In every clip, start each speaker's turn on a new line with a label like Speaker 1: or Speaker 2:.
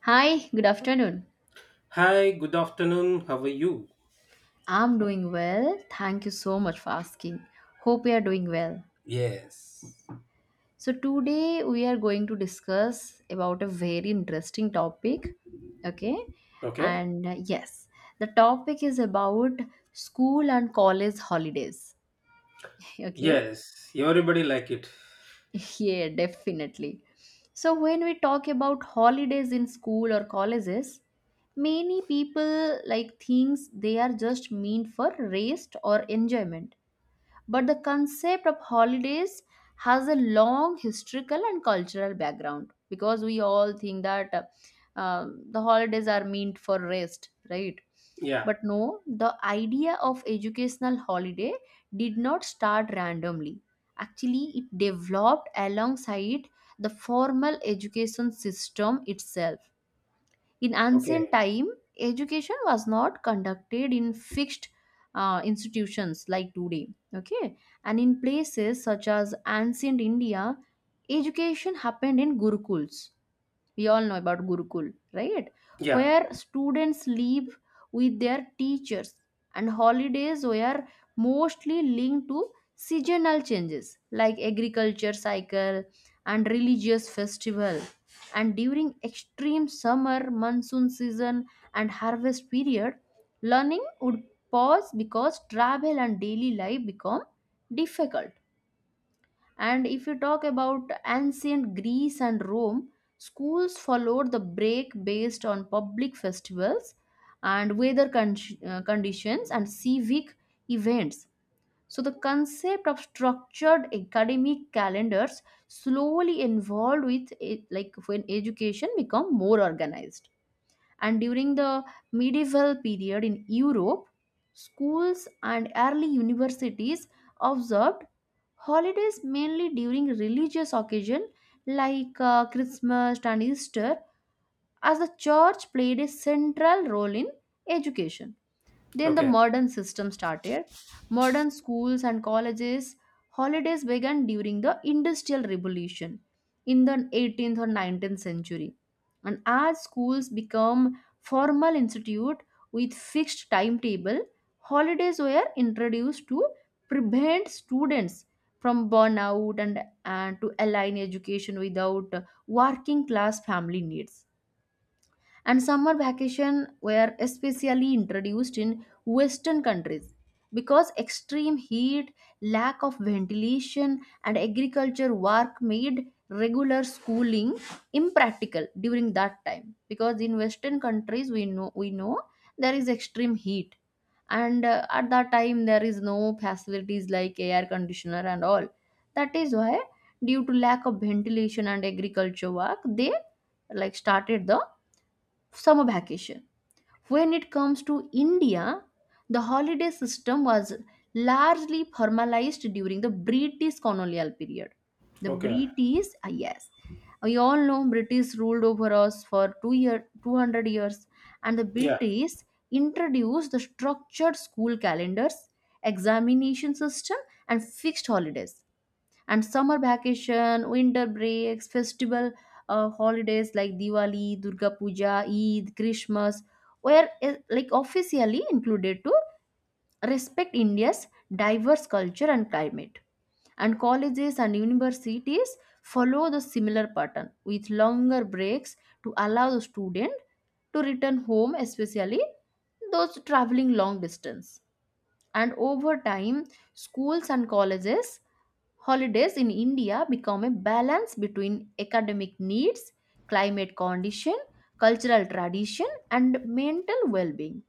Speaker 1: Hi, good afternoon.
Speaker 2: Hi, good afternoon. How are you?
Speaker 1: I'm doing well. Thank you so much for asking. Hope you are doing well.
Speaker 2: Yes.
Speaker 1: So today we are going to discuss about a very interesting topic, okay?
Speaker 2: Okay.
Speaker 1: And the topic is about school and college holidays, okay?
Speaker 2: Yes, everybody like it.
Speaker 1: Yeah, definitely. So when we talk about holidays in school or colleges, many people like thinks they are just meant for rest or enjoyment. But the concept of holidays has a long historical and cultural background, because we all think that uh, the holidays are meant for rest, right?
Speaker 2: Yeah.
Speaker 1: But no, the idea of educational holiday did not start randomly. Actually, it developed alongside the formal education system itself. In ancient
Speaker 2: Okay.
Speaker 1: time, education was not conducted in fixed institutions like today. Okay, and in places such as ancient India, education happened in gurukuls. We all know about gurukul, right?
Speaker 2: Yeah.
Speaker 1: Where students live with their teachers, and holidays were mostly linked to seasonal changes like agriculture cycle and religious festival. And during extreme summer monsoon season and harvest period, learning would pause because travel and daily life become difficult. And if you talk about ancient Greece and Rome, schools followed the break based on public festivals and conditions and civic events. So, the concept of structured academic calendars slowly evolved with it, like when education become more organized. And during the medieval period in Europe, schools and early universities observed holidays mainly during religious occasion like Christmas and Easter, as the church played a central role in education. Then the
Speaker 2: Okay.
Speaker 1: modern system started. Modern schools and colleges holidays began during the Industrial Revolution in the 18th or 19th century. And as schools become formal institute with fixed timetable, holidays were introduced to prevent students from burnout, and to align education without working class family needs. And summer vacation were especially introduced in western countries because extreme heat, lack of ventilation, and agriculture work made regular schooling impractical during that time, because in western countries, we know there is extreme heat, and at that time there is no facilities like air conditioner and all. That is why, due to lack of ventilation and agriculture work, they like started the summer vacation. When it comes to India, the holiday system was largely formalized during the British colonial period. The
Speaker 2: Okay.
Speaker 1: British, yes, we all know British ruled over us for 200 years, and the
Speaker 2: Yeah.
Speaker 1: British introduced the structured school calendars, examination system, and fixed holidays. And summer vacation, winter breaks, festival holidays like Diwali, Durga Puja, Eid, Christmas were like officially included to respect India's diverse culture and climate. And colleges and universities follow the similar pattern with longer breaks to allow the student to return home, especially those traveling long distance. And over time, schools and colleges holidays in India become a balance between academic needs, climate condition, cultural tradition, and mental well-being.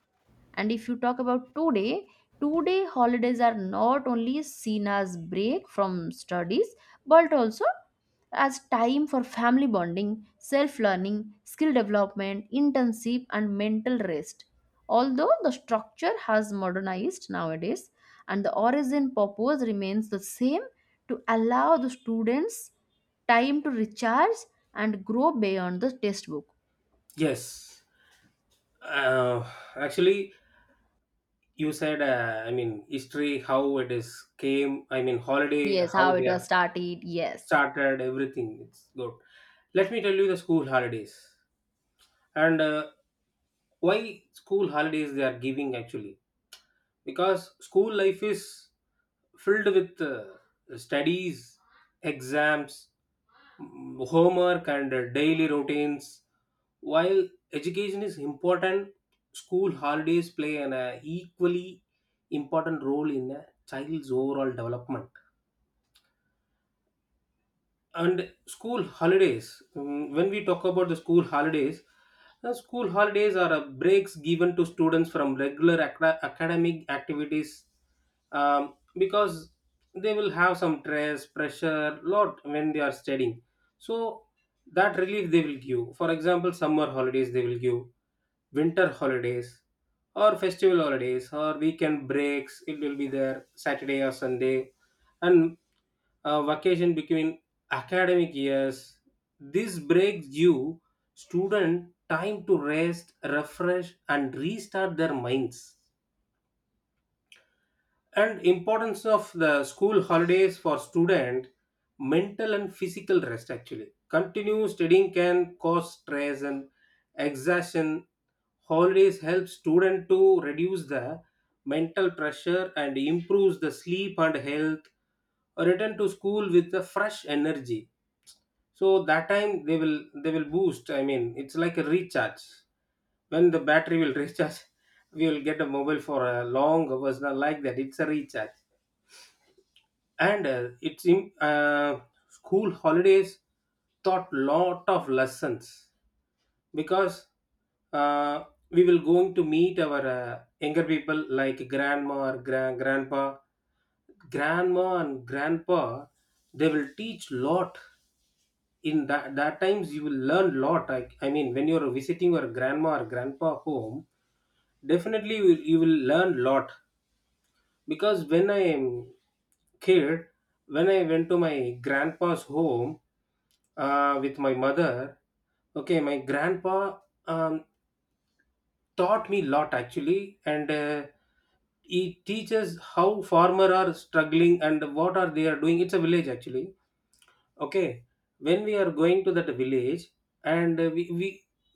Speaker 1: And if you talk about today, today holidays are not only seen as break from studies but also as time for family bonding, self learning, skill development, internship, and mental rest. Although the structure has modernized nowadays, and the origin purpose remains the same, to allow the students time to recharge and grow beyond the textbook.
Speaker 2: Yes. Uh, actually, you said. I mean, history. How it is came. I mean, holiday.
Speaker 1: Yes, how
Speaker 2: How
Speaker 1: it
Speaker 2: they
Speaker 1: was
Speaker 2: are
Speaker 1: started. Yes.
Speaker 2: started. Everything. It's good. Let me tell you the school holidays and why school holidays they are giving actually. Because school life is filled with studies, exams, homework, and daily routines. While education is important, school holidays play an equally important role in a child's overall development. And school holidays, when we talk about the school holidays, the school holidays are breaks given to students from regular academic activities, because they will have some stress pressure lot when they are studying. So that relief they will give. For example, summer holidays they will give, winter holidays or festival holidays or weekend breaks, it will be there Saturday or Sunday, and vacation between academic years. This breaks you student time to rest, refresh and restart their minds. And importance of the school holidays for student mental and physical rest actually. Continue studying can cause stress and exhaustion. Holidays help student to reduce the mental pressure and improves the sleep and health. Return to school with a fresh energy, so that time they will boost. I mean, it's like a recharge. When the battery will recharge, we will get a mobile for a long hours, not like that. It's a recharge. And it's in school holidays taught lot of lessons. Because uh, we will going to meet our younger people like grandma or grandpa. Grandma and grandpa, they will teach lot. In that times you will learn lot. I mean when you're visiting your grandma or grandpa home, definitely you will learn lot. Because when I am kid, when I went to my grandpa's home with my mother, okay, my grandpa um, taught me lot actually. And he teaches how farmer are struggling and what are they are doing. It's a village actually. Okay, when we are going to that village, and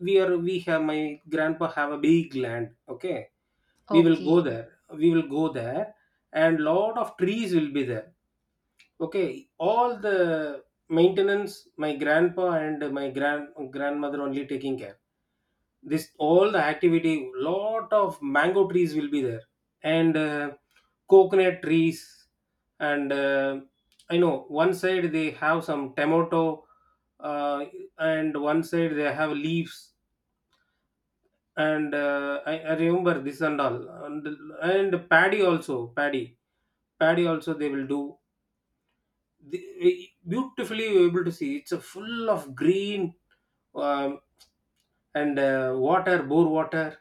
Speaker 2: we are we have my grandpa have a big land. Okay, we will go
Speaker 1: Okay.
Speaker 2: there we will go there and lot of trees will be there. Okay, all the maintenance my grandpa and my grandmother only taking care, this all the activity. Lot of mango trees will be there, and coconut trees, and I know one side they have some tomato, uh, and one side they have leaves. And I remember this and all. and, and paddy also, paddy also they will do. The, beautifully you're able to see, it's a full of green. Um, and water, bore water,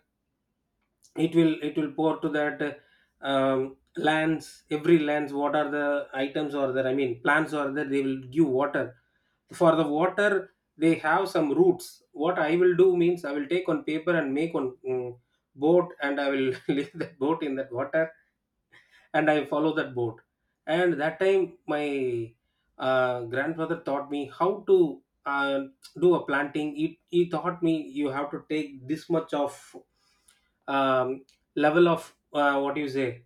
Speaker 2: it will pour to that, lands, every lands, what are the items or that, I mean plants or that, they will give water. For the water, they have some roots. What I will do means, I will take on paper and make on boat, and I will leave the boat in that water, and I follow that boat. And that time, my grandfather taught me how to do a planting. He taught me you have to take this much of, um, level of, what you say,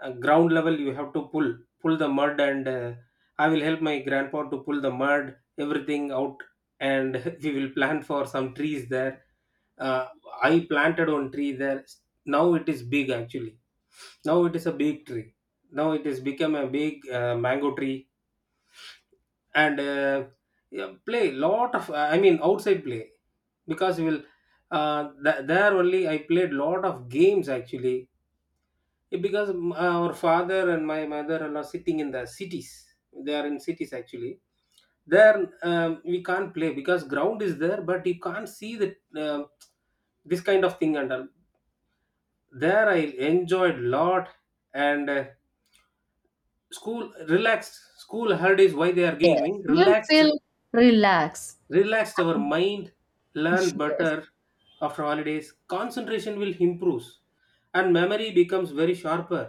Speaker 2: ground level. You have to pull the mud, and I will help my grandpa to pull the mud, everything out, and we will plant for some trees there. uh, I planted one tree there. Now it is big actually. Now it is a big tree. Now it is become a big mango tree. And yeah, play lot of, I mean outside play. Because we will, there only I played lot of games actually. Eh, because our father and my mother are not sitting in the cities. They are in cities actually. There, we can't play. Because ground is there, but you can't see the, um this kind of thing and all. There I enjoyed lot. And school relaxed, school hard is why they are giving me
Speaker 1: You'll
Speaker 2: relaxed.
Speaker 1: feel relaxed.
Speaker 2: Relaxed our mind, learn
Speaker 1: Yes.
Speaker 2: better. After holidays concentration will improve and memory becomes very sharper.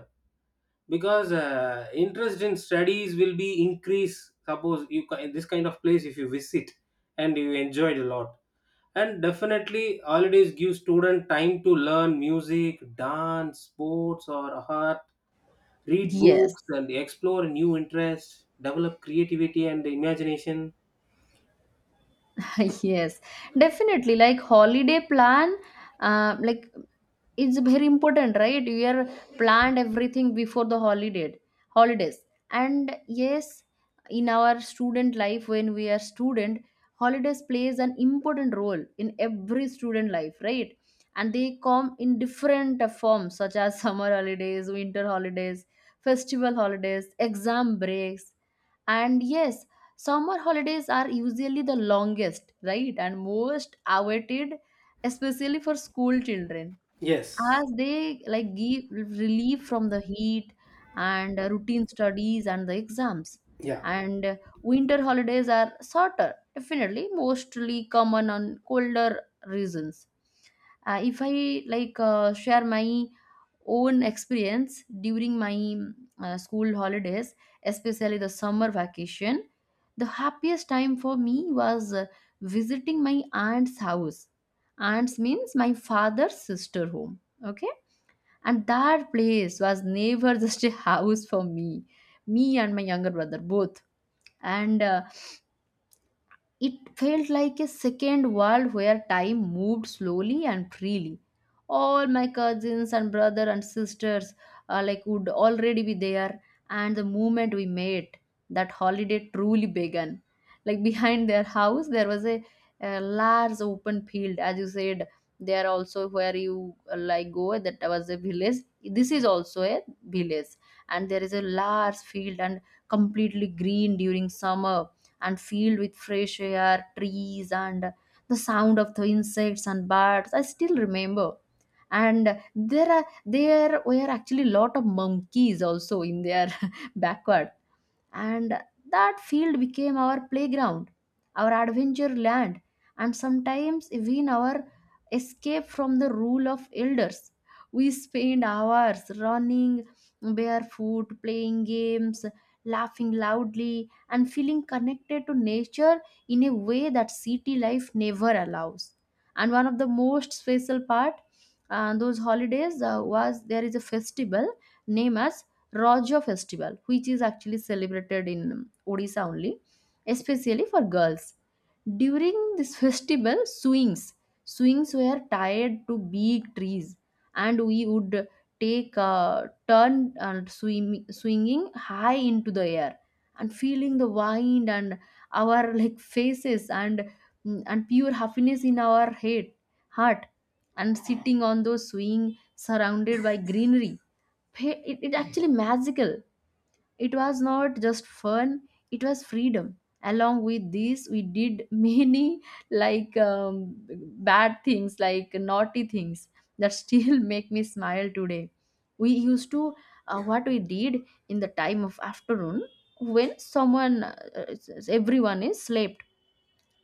Speaker 2: Because interest in studies will be increased. Suppose you this kind of place if you visit, and you enjoyed a lot. And definitely holidays give student time to learn music, dance, sports or art, read
Speaker 1: Yes.
Speaker 2: books and explore new interests, develop creativity and imagination.
Speaker 1: Yes, definitely like holiday plan, like, it's very important, right? You are planned everything before the holiday holidays. And yes, in our student life, when we are student, holidays plays an important role in every student life, right? And they come in different forms, such as summer holidays, winter holidays, festival holidays, exam breaks. And yes, summer holidays are usually the longest, right, and most awaited, especially for school children,
Speaker 2: Yes.
Speaker 1: as they like give relief from the heat and routine studies and the exams.
Speaker 2: Yeah.
Speaker 1: And winter holidays are shorter, definitely, mostly common on colder regions. If I like share my own experience during my school holidays, especially the summer vacation, the happiest time for me was visiting my aunt's house. Aunts means my father's sister home, okay? And that place was never just a house for me, me and my younger brother both. And it felt like a second world where time moved slowly and freely. All my cousins and brother and sisters like would already be there, and the moment we met, that holiday truly began. Like behind their house, there was a large open field, as you said. There also where you like go, that was a village. This is also a village, and there is a large field and completely green during summer and filled with fresh air, trees, and the sound of the insects and birds. I still remember. And there were actually a lot of monkeys also in their backward. And that field became our playground, our adventure land, and sometimes even our escape from the rule of elders. We spent hours running barefoot, playing games, laughing loudly, and feeling connected to nature in a way that city life never allows. And one of the most special part those holidays was, there is a festival named as Raja festival, which is actually celebrated in Odisha only, especially for girls. During this festival, swings were tied to big trees, and we would take a turn and swim, swinging high into the air and feeling the wind and our like faces and and pure happiness in our head heart. And sitting on those swing surrounded by greenery, it, it actually magical. It was not just fun, it was freedom. Along with this, we did many like bad things, like naughty things that still make me smile today. We used to, what we did in the time of afternoon, when someone, everyone is slept.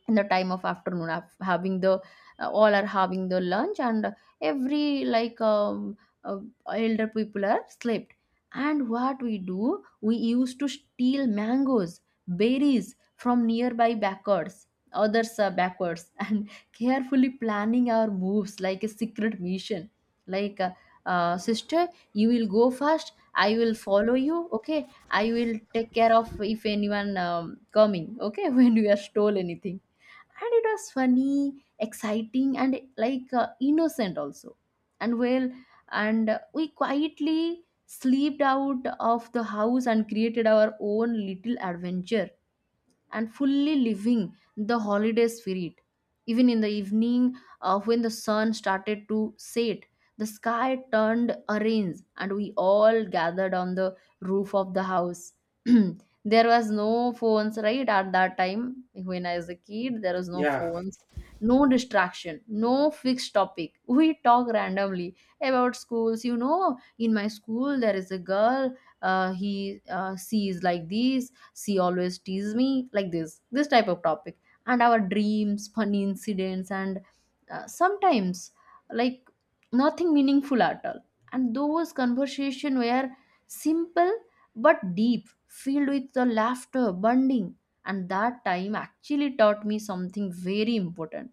Speaker 1: In the time of afternoon, having the all are having the lunch, and every like uh, elder people are slept, and what we do, we used to steal mangoes, berries from nearby backwards, others backwards, and carefully planning our moves like a secret mission. Like, sister, you will go first, I will follow you, okay? I will take care of if anyone coming, okay? When we are stole anything. And it was funny, exciting, and like innocent also. And well and uh, we quietly slept out of the house and created our own little adventure and fully living the holiday spirit. Even in the evening, when the sun started to set, the sky turned orange, and we all gathered on the roof of the house. There was no phones, right? At that time, when I was a kid, there was no
Speaker 2: Yeah.
Speaker 1: phones, no distraction, no fixed topic. We talk randomly about schools. You know, in my school, there is a girl. He She is like this, she always teased me like this type of topic, and our dreams, funny incidents, and sometimes like nothing meaningful at all. And those conversations were simple but deep, filled with the laughter bonding. And that time actually taught me something very important,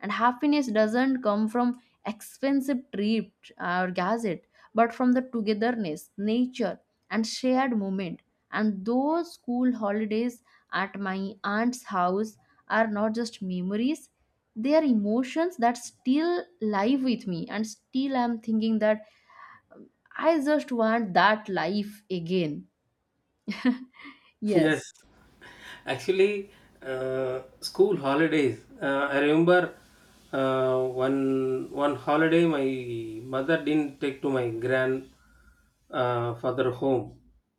Speaker 1: and happiness doesn't come from expensive trip or gadget, but from the togetherness, nature, and shared moment. And those school holidays at my aunt's house are not just memories, they are emotions that still live with me. And still, I'm thinking that I just want that life again.
Speaker 2: Yes.
Speaker 1: Yes,
Speaker 2: Actually, school holidays. I remember one holiday my mother didn't take to my grand father home.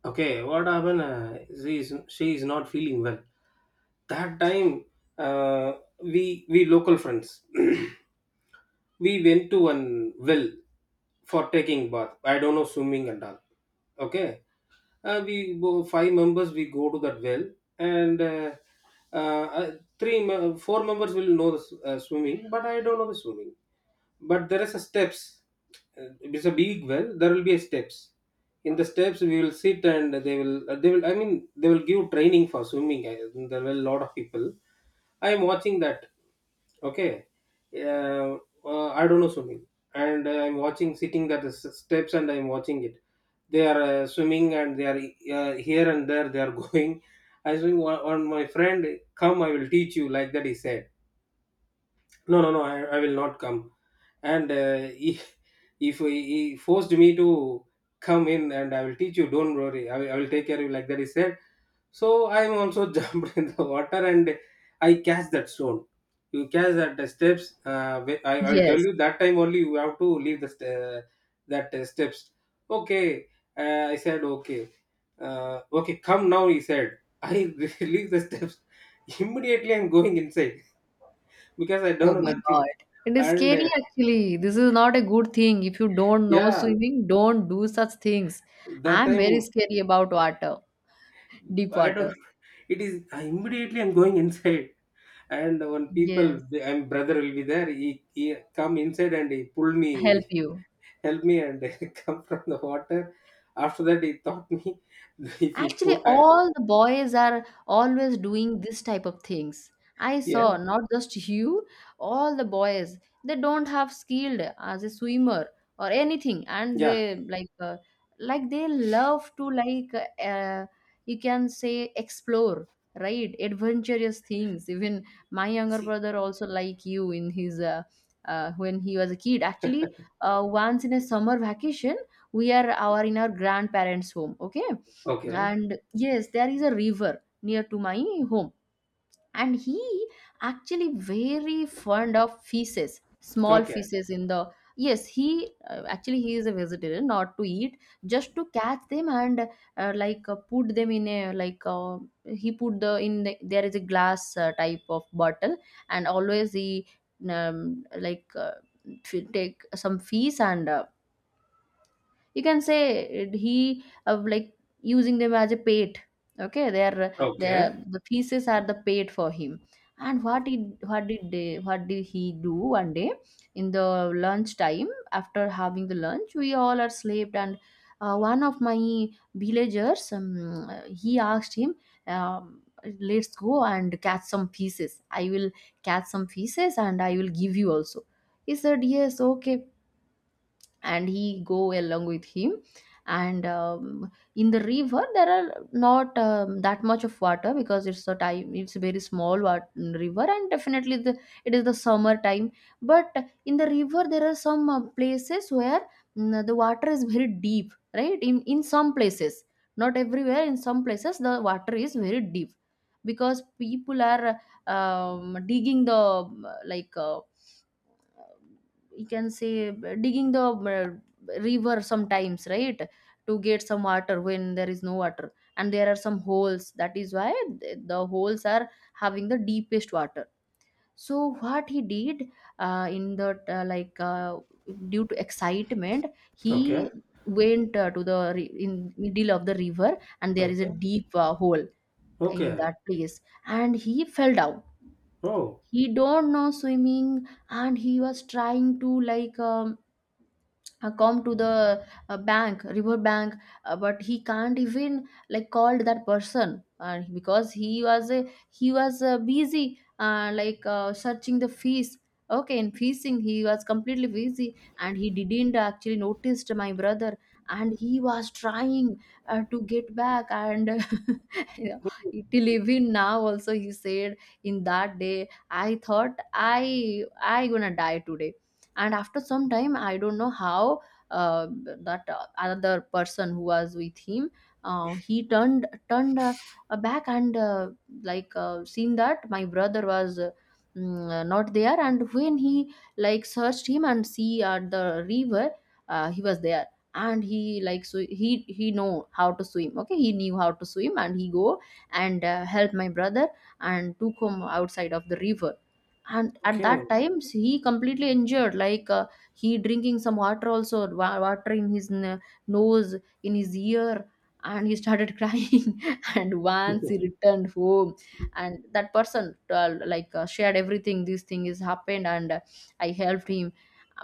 Speaker 2: Okay, what happened? She is not feeling well. That time, uh, we local friends. We went to one well for taking bath. I don't know swimming and all. Okay, we go five members. We go to that well, and uh, uh, four members will know the swimming, but I don't know the swimming. But there is a steps. Uh, it's a big well, there will be a steps. In the steps we will sit and they will I mean they will give training for swimming. I- there were a lot of people. I am watching that. Okay, uh, I don't know swimming. And I'm watching, sitting at the steps and I'm watching it. They are swimming and they are here and there they are going. I swim, one my friend, come I will teach you like that he said. No, no, no, I will not come. And he, if he, he forced me to come in. And I will teach you, don't worry, I will take care of you, like that he said. So I am also jumped in the water, and I catch that stone. You catch that the steps, I will tell
Speaker 1: yes.
Speaker 2: you that time only you have to leave the that steps, okay. I said okay. Okay, come now, he said. I leave the steps. Immediately I'm going inside, because I don't
Speaker 1: Oh
Speaker 2: know
Speaker 1: my
Speaker 2: nothing.
Speaker 1: God. It is
Speaker 2: And
Speaker 1: scary
Speaker 2: uh,
Speaker 1: actually. This is not a good thing. If you don't know
Speaker 2: yeah,
Speaker 1: swimming, don't do such things.
Speaker 2: that
Speaker 1: I'm very
Speaker 2: time
Speaker 1: scary about water, deep
Speaker 2: I don't.
Speaker 1: water.
Speaker 2: It is, I immediately I'm going inside, and when
Speaker 1: Yes.
Speaker 2: people, and brother will be there. He come inside and he pull
Speaker 1: Help
Speaker 2: me,
Speaker 1: you.
Speaker 2: help me, and come from the water. After that, he taught me if you
Speaker 1: Actually,
Speaker 2: pull. I.
Speaker 1: all the boys are always doing this type of things. I
Speaker 2: Yeah,
Speaker 1: saw not just you, all the boys. They don't have skilled as a swimmer or anything, and
Speaker 2: yeah.
Speaker 1: they like they love to like uh, you can say explore, right? Adventurous things. Even my younger
Speaker 2: See.
Speaker 1: brother also like you in his when he was a kid. Actually, once in a summer vacation, we are our in our grandparents' home. Okay,
Speaker 2: Okay,
Speaker 1: and yes, there is a river near to my home, and he actually very fond of fishes, small
Speaker 2: okay,
Speaker 1: fishes in the— yes, he actually he is a vegetarian, not to eat, just to catch them and put them in a like— he put the in the, there is a glass type of bottle, and always he um, like uh, take some fish and you can say he like using them as a pet. Okay, they are— the
Speaker 2: okay,
Speaker 1: the pieces are the pet for him. And what did he do one day? In the lunch time, after having the lunch, we all are slept, and one of my villagers, he asked him, um, let's go and catch some pieces. I will catch some pieces and I will give you also. He said yes, okay, and he go along with him. And in the river there are not that much of water because it's a time, it's a very small river, and definitely the— it is the summer time. But in the river there are some places where the water is very deep, right, in some places. Not everywhere, in some places the water is very deep because people are digging the you can say digging the river sometimes, right, to get some water when there is no water, and there are some holes. That is why the holes are having the deepest water. So what he did, in the like due to excitement,
Speaker 2: okay,
Speaker 1: he went in middle of the river, and there is a
Speaker 2: okay,
Speaker 1: deep hole in
Speaker 2: okay.
Speaker 1: that place, and he fell down.
Speaker 2: Oh,
Speaker 1: He don't know swimming, and he was trying to like come to the bank, river bank. But he can't even like called that person because he was a— he was busy searching the fees. Okay, in fishing he was completely busy, and he didn't actually noticed my brother. And he was trying to get back, and you know, till even now also he said, in that day I thought I gonna die today. And after some time I don't know how, uh, that another person who was with him, he turned back, and seen that my brother was not there. And when he like searched him and see at the river, he was there. And he like— so he— he know how to swim. Okay, he knew how to swim, and he go and help my brother and took him outside of the river. And at
Speaker 2: okay.
Speaker 1: that time he completely injured like— he drinking some water also, water in his nose, in his ear, and he started crying. And once he returned home, and that person shared everything, this thing is happened, and I helped him.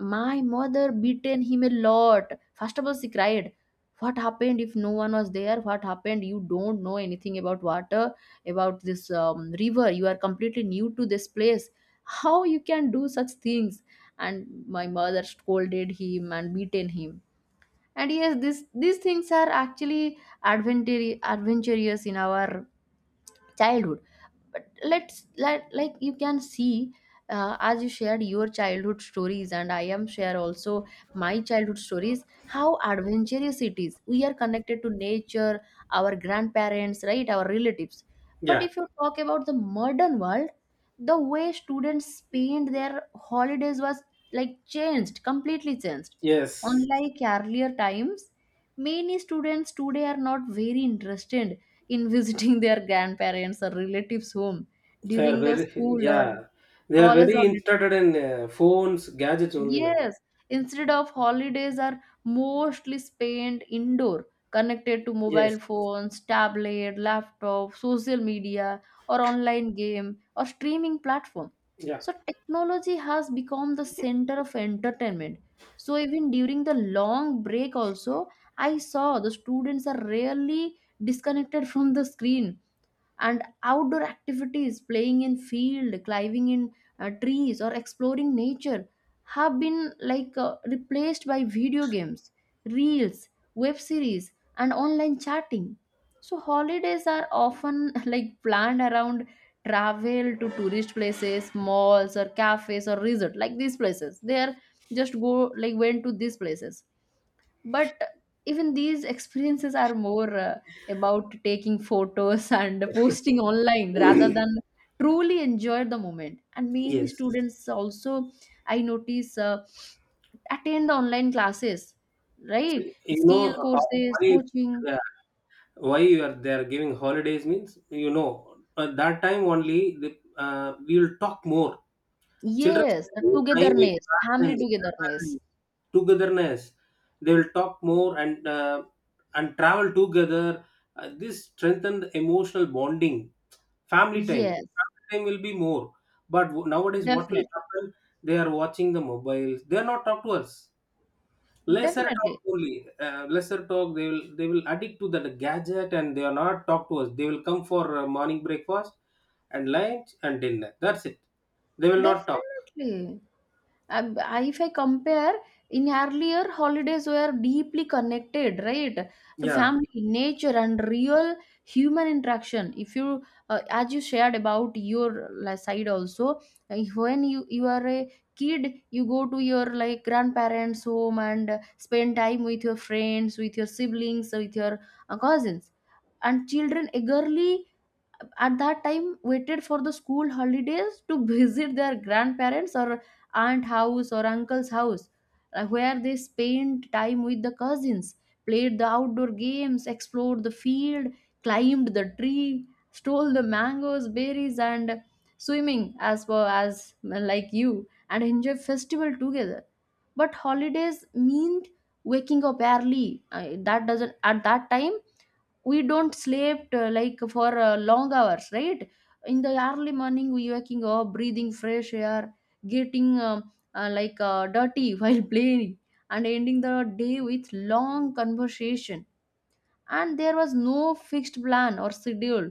Speaker 1: My mother beaten him a lot. First of all she cried, what happened if no one was there, what happened, you don't know anything about water, about this river, you are completely new to this place, how you can do such things. And my mother scolded him and beaten him. And yes, this— these things are actually adventure adventurous in our childhood. But let's— let like you can see, as you shared your childhood stories, and I am share also my childhood stories, how adventurous it is. We are connected to nature, our grandparents, right, our relatives. But
Speaker 2: Yeah.
Speaker 1: if you talk about the modern world, the way students spend their holidays was like changed, completely changed.
Speaker 2: Yes.
Speaker 1: Unlike earlier times, many students today are not very interested in visiting their grandparents or relatives' home
Speaker 2: They are
Speaker 1: during the
Speaker 2: very,
Speaker 1: school or
Speaker 2: yeah. They are
Speaker 1: college
Speaker 2: very
Speaker 1: holidays.
Speaker 2: interested in phones, gadgets only now.
Speaker 1: Yes, instead of— holidays are mostly spent indoor, connected to
Speaker 2: Yes.
Speaker 1: mobile phones, tablet, laptop, social media, or online game or streaming platform.
Speaker 2: Yeah.
Speaker 1: So technology has become the center of entertainment. So even during the long break also, I saw the students are rarely disconnected from the screen, and outdoor activities, playing in field, climbing in trees, or exploring nature have been like replaced by video games, reels, web series, and online chatting. So holidays are often like planned around travel to tourist places, malls or cafes or resort, like these places. They are just go— like went to these places. But even these experiences are more about taking photos and posting online rather than truly enjoy the moment. And many
Speaker 2: Yes.
Speaker 1: students also, I notice, attend the online classes, right?
Speaker 2: You
Speaker 1: Skill
Speaker 2: know how,
Speaker 1: courses,
Speaker 2: why,
Speaker 1: coaching.
Speaker 2: yeah, why you are they are giving holidays means, you know, at that time only the, we will talk more. Children
Speaker 1: Yes,
Speaker 2: spend
Speaker 1: the
Speaker 2: more time with
Speaker 1: togetherness, family
Speaker 2: parents,
Speaker 1: togetherness.
Speaker 2: grandparents, togetherness. They will talk more, and and travel together. This strengthened emotional bonding. Family time,
Speaker 1: Yes,
Speaker 2: family time will be more. But nowadays, what will
Speaker 1: definitely,
Speaker 2: happen? They are watching the mobiles. They are not talk to us. Lesser talk
Speaker 1: definitely,
Speaker 2: only. Lesser talk. They will addict to that gadget and they are not talk to us. They will come for morning breakfast and lunch and dinner. That's it. They will not talk.
Speaker 1: definitely. If I compare, in earlier holidays were deeply connected, right, to
Speaker 2: Yeah.
Speaker 1: family, nature, and real human interaction. If you, as you shared about your like side also, when you are a kid, you go to your like grandparents' home and spend time with your friends, with your siblings, with your cousins, and children eagerly at that time waited for the school holidays to visit their grandparents or aunt house or uncle's house where they spent time with the cousins, played the outdoor games, explored the field, climbed the tree, stole the mangoes, berries, and swimming as well, as like you, and enjoy festival together. But holidays meant waking up early. That doesn't— at that time we don't slept like for long hours, right. In the early morning we waking up, breathing fresh air, getting dirty while playing, and ending the day with long conversation. And there was no fixed plan or schedule.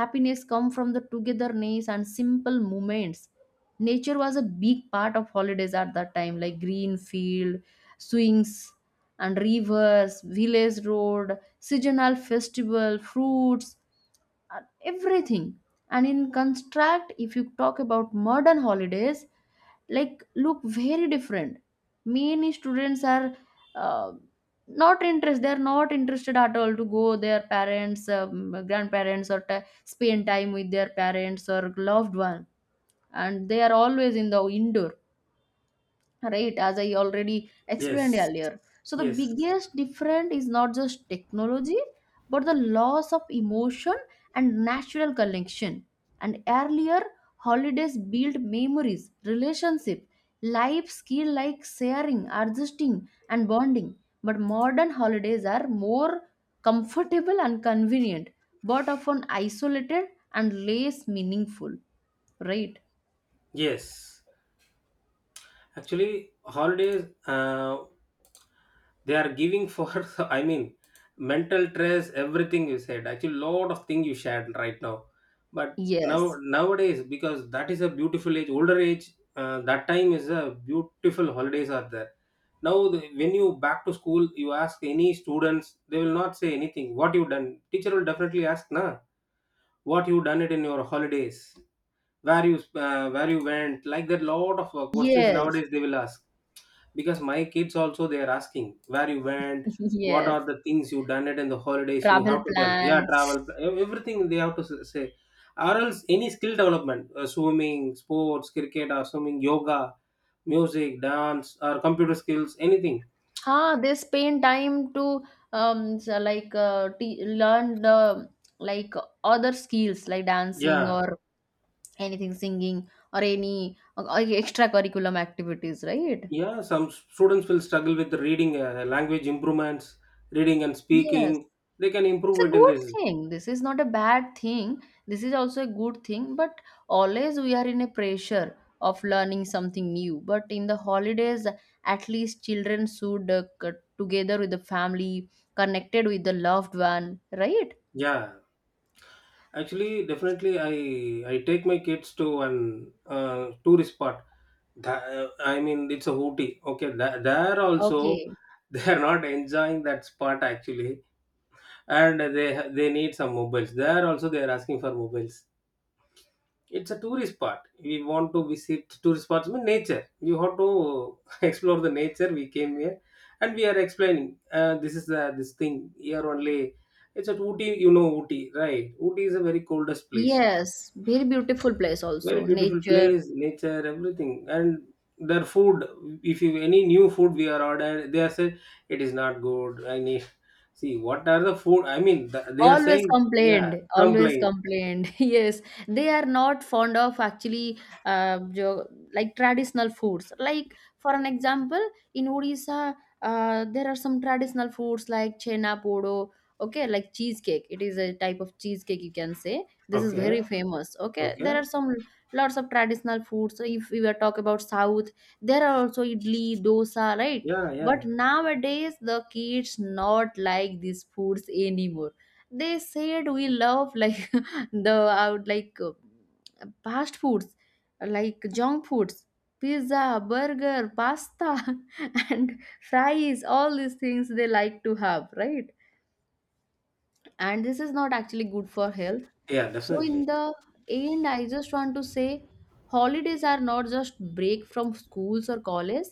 Speaker 1: Happiness come from the togetherness and simple moments. Nature was a big part of holidays at that time, like green field, swings, and rivers, village road, seasonal festival, fruits, and everything. And in contract, if you talk about modern holidays, like look very different. Many students are uh, not interest. They are not interested at all to go their parents, grandparents, or spend time with their parents or loved one. And they are always in the indoor, right, as I already explained
Speaker 2: Yes,
Speaker 1: earlier. So the
Speaker 2: yes,
Speaker 1: biggest difference is not just technology, but the loss of emotion and natural connection. And earlier holidays built memories, relationship, life skill like sharing, adjusting, and bonding. But modern holidays are more comfortable and convenient, but often isolated and less meaningful, right?
Speaker 2: yes. Actually, holidays they are giving for. I mean, mental stress. Everything you said. Actually, lot of thing you shared right now. But now
Speaker 1: Yes,
Speaker 2: nowadays, because that is a beautiful age, older age. That time is a beautiful holidays are there. Now, the, when you back to school, you ask any students, they will not say anything. What you done? Teacher will definitely ask, na, what you done it in your holidays. Where you where you went, like that lot of questions
Speaker 1: yes,
Speaker 2: nowadays they will ask. Because my kids also they are asking, where you went, what are
Speaker 1: yes,
Speaker 2: the things you done it in the holidays, you
Speaker 1: travel
Speaker 2: have to tell, yeah,
Speaker 1: plans.
Speaker 2: travel, everything they have to say. Or else any skill development, swimming, yoga, music, dance, or computer skills, anything,
Speaker 1: Huh, they spend time to so like learn the like other skills like dancing
Speaker 2: yeah.
Speaker 1: or anything, singing, or any extracurriculum activities, right?
Speaker 2: Yeah, some students will struggle with reading, language improvements, reading and
Speaker 1: Yes.
Speaker 2: speaking, they can
Speaker 1: It's
Speaker 2: improve
Speaker 1: a
Speaker 2: it in
Speaker 1: good
Speaker 2: this.
Speaker 1: thing, this is not a bad thing, this is also a good thing, but always we are in a pressure of learning something new. But in the holidays, at least children should together with the family, connected with the loved one, right?
Speaker 2: Yeah. Actually, definitely, I take my kids to an tourist spot. I mean, it's a Ooty. Okay, there also
Speaker 1: Okay.
Speaker 2: they are not enjoying that spot actually. And they need some mobiles. There also they are asking for mobiles. It's a tourist spot. We want to visit tourist spots. I mean, nature. You have to explore the nature. We came here, and we are explaining. This is the this thing here only. It's at Ooty. You know Ooty, right? Ooty is a very coldest place,
Speaker 1: Yes, very beautiful place,
Speaker 2: very
Speaker 1: also
Speaker 2: beautiful
Speaker 1: nature.
Speaker 2: place, nature, everything. And their food, if you any new food we are ordered, they are saying it is not good, I need, see what are the food, I mean th- they are
Speaker 1: Always
Speaker 2: saying, yeah,
Speaker 1: complained, always
Speaker 2: complain.
Speaker 1: complained. Yes, they are not fond of actually uh, jo- like traditional foods. Like for an example, in Odisha, there are some traditional foods like chena podo. Okay, like cheesecake. It is a type of cheesecake you can say. This is very
Speaker 2: Okay.
Speaker 1: famous. Okay,
Speaker 2: Okay.
Speaker 1: there are some lots of traditional foods. So if we were talk about South, there are also idli, dosa, right?
Speaker 2: Yeah.
Speaker 1: But
Speaker 2: Yeah.
Speaker 1: nowadays the kids not like these foods anymore. They said we love like the out like fast foods, like junk foods, pizza, burger, pasta, and fries, all these things they like to have, right? And this is not actually good for health.
Speaker 2: Yeah,
Speaker 1: So in
Speaker 2: definitely.
Speaker 1: the end, I just want to say, holidays are not just break from schools or college,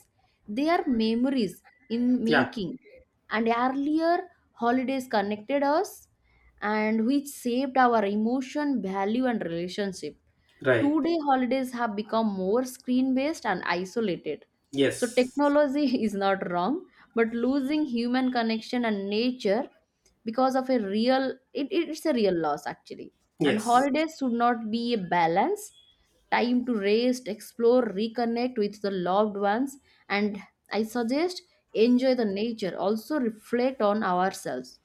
Speaker 1: they are memories in
Speaker 2: Yeah,
Speaker 1: making. And earlier holidays connected us and which shaped our emotion, value, and relationship.
Speaker 2: right.
Speaker 1: Two day holidays have become more screen based and isolated. So,
Speaker 2: Yes.
Speaker 1: technology is not wrong, but losing human connection and nature because of a real— it, it's a real loss actually. And
Speaker 2: Yes.
Speaker 1: holidays should not be a balance, time to rest, explore, reconnect with the loved ones, and I suggest enjoy the nature, also reflect on ourselves,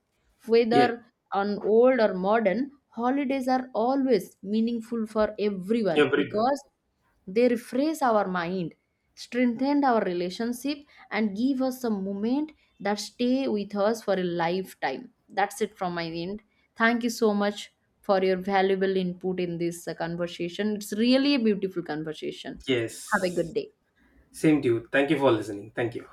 Speaker 2: Yes,
Speaker 1: whether on old or modern, holidays are always meaningful for everyone
Speaker 2: everybody.
Speaker 1: because they refresh our mind, strengthen our relationship, and give us a moment that stay with us for a lifetime. That's it from my end. Thank you so much for your valuable input in this conversation. It's really a beautiful conversation. Have a
Speaker 2: Yes,
Speaker 1: good day.
Speaker 2: same to you. Thank you for listening. Thank you.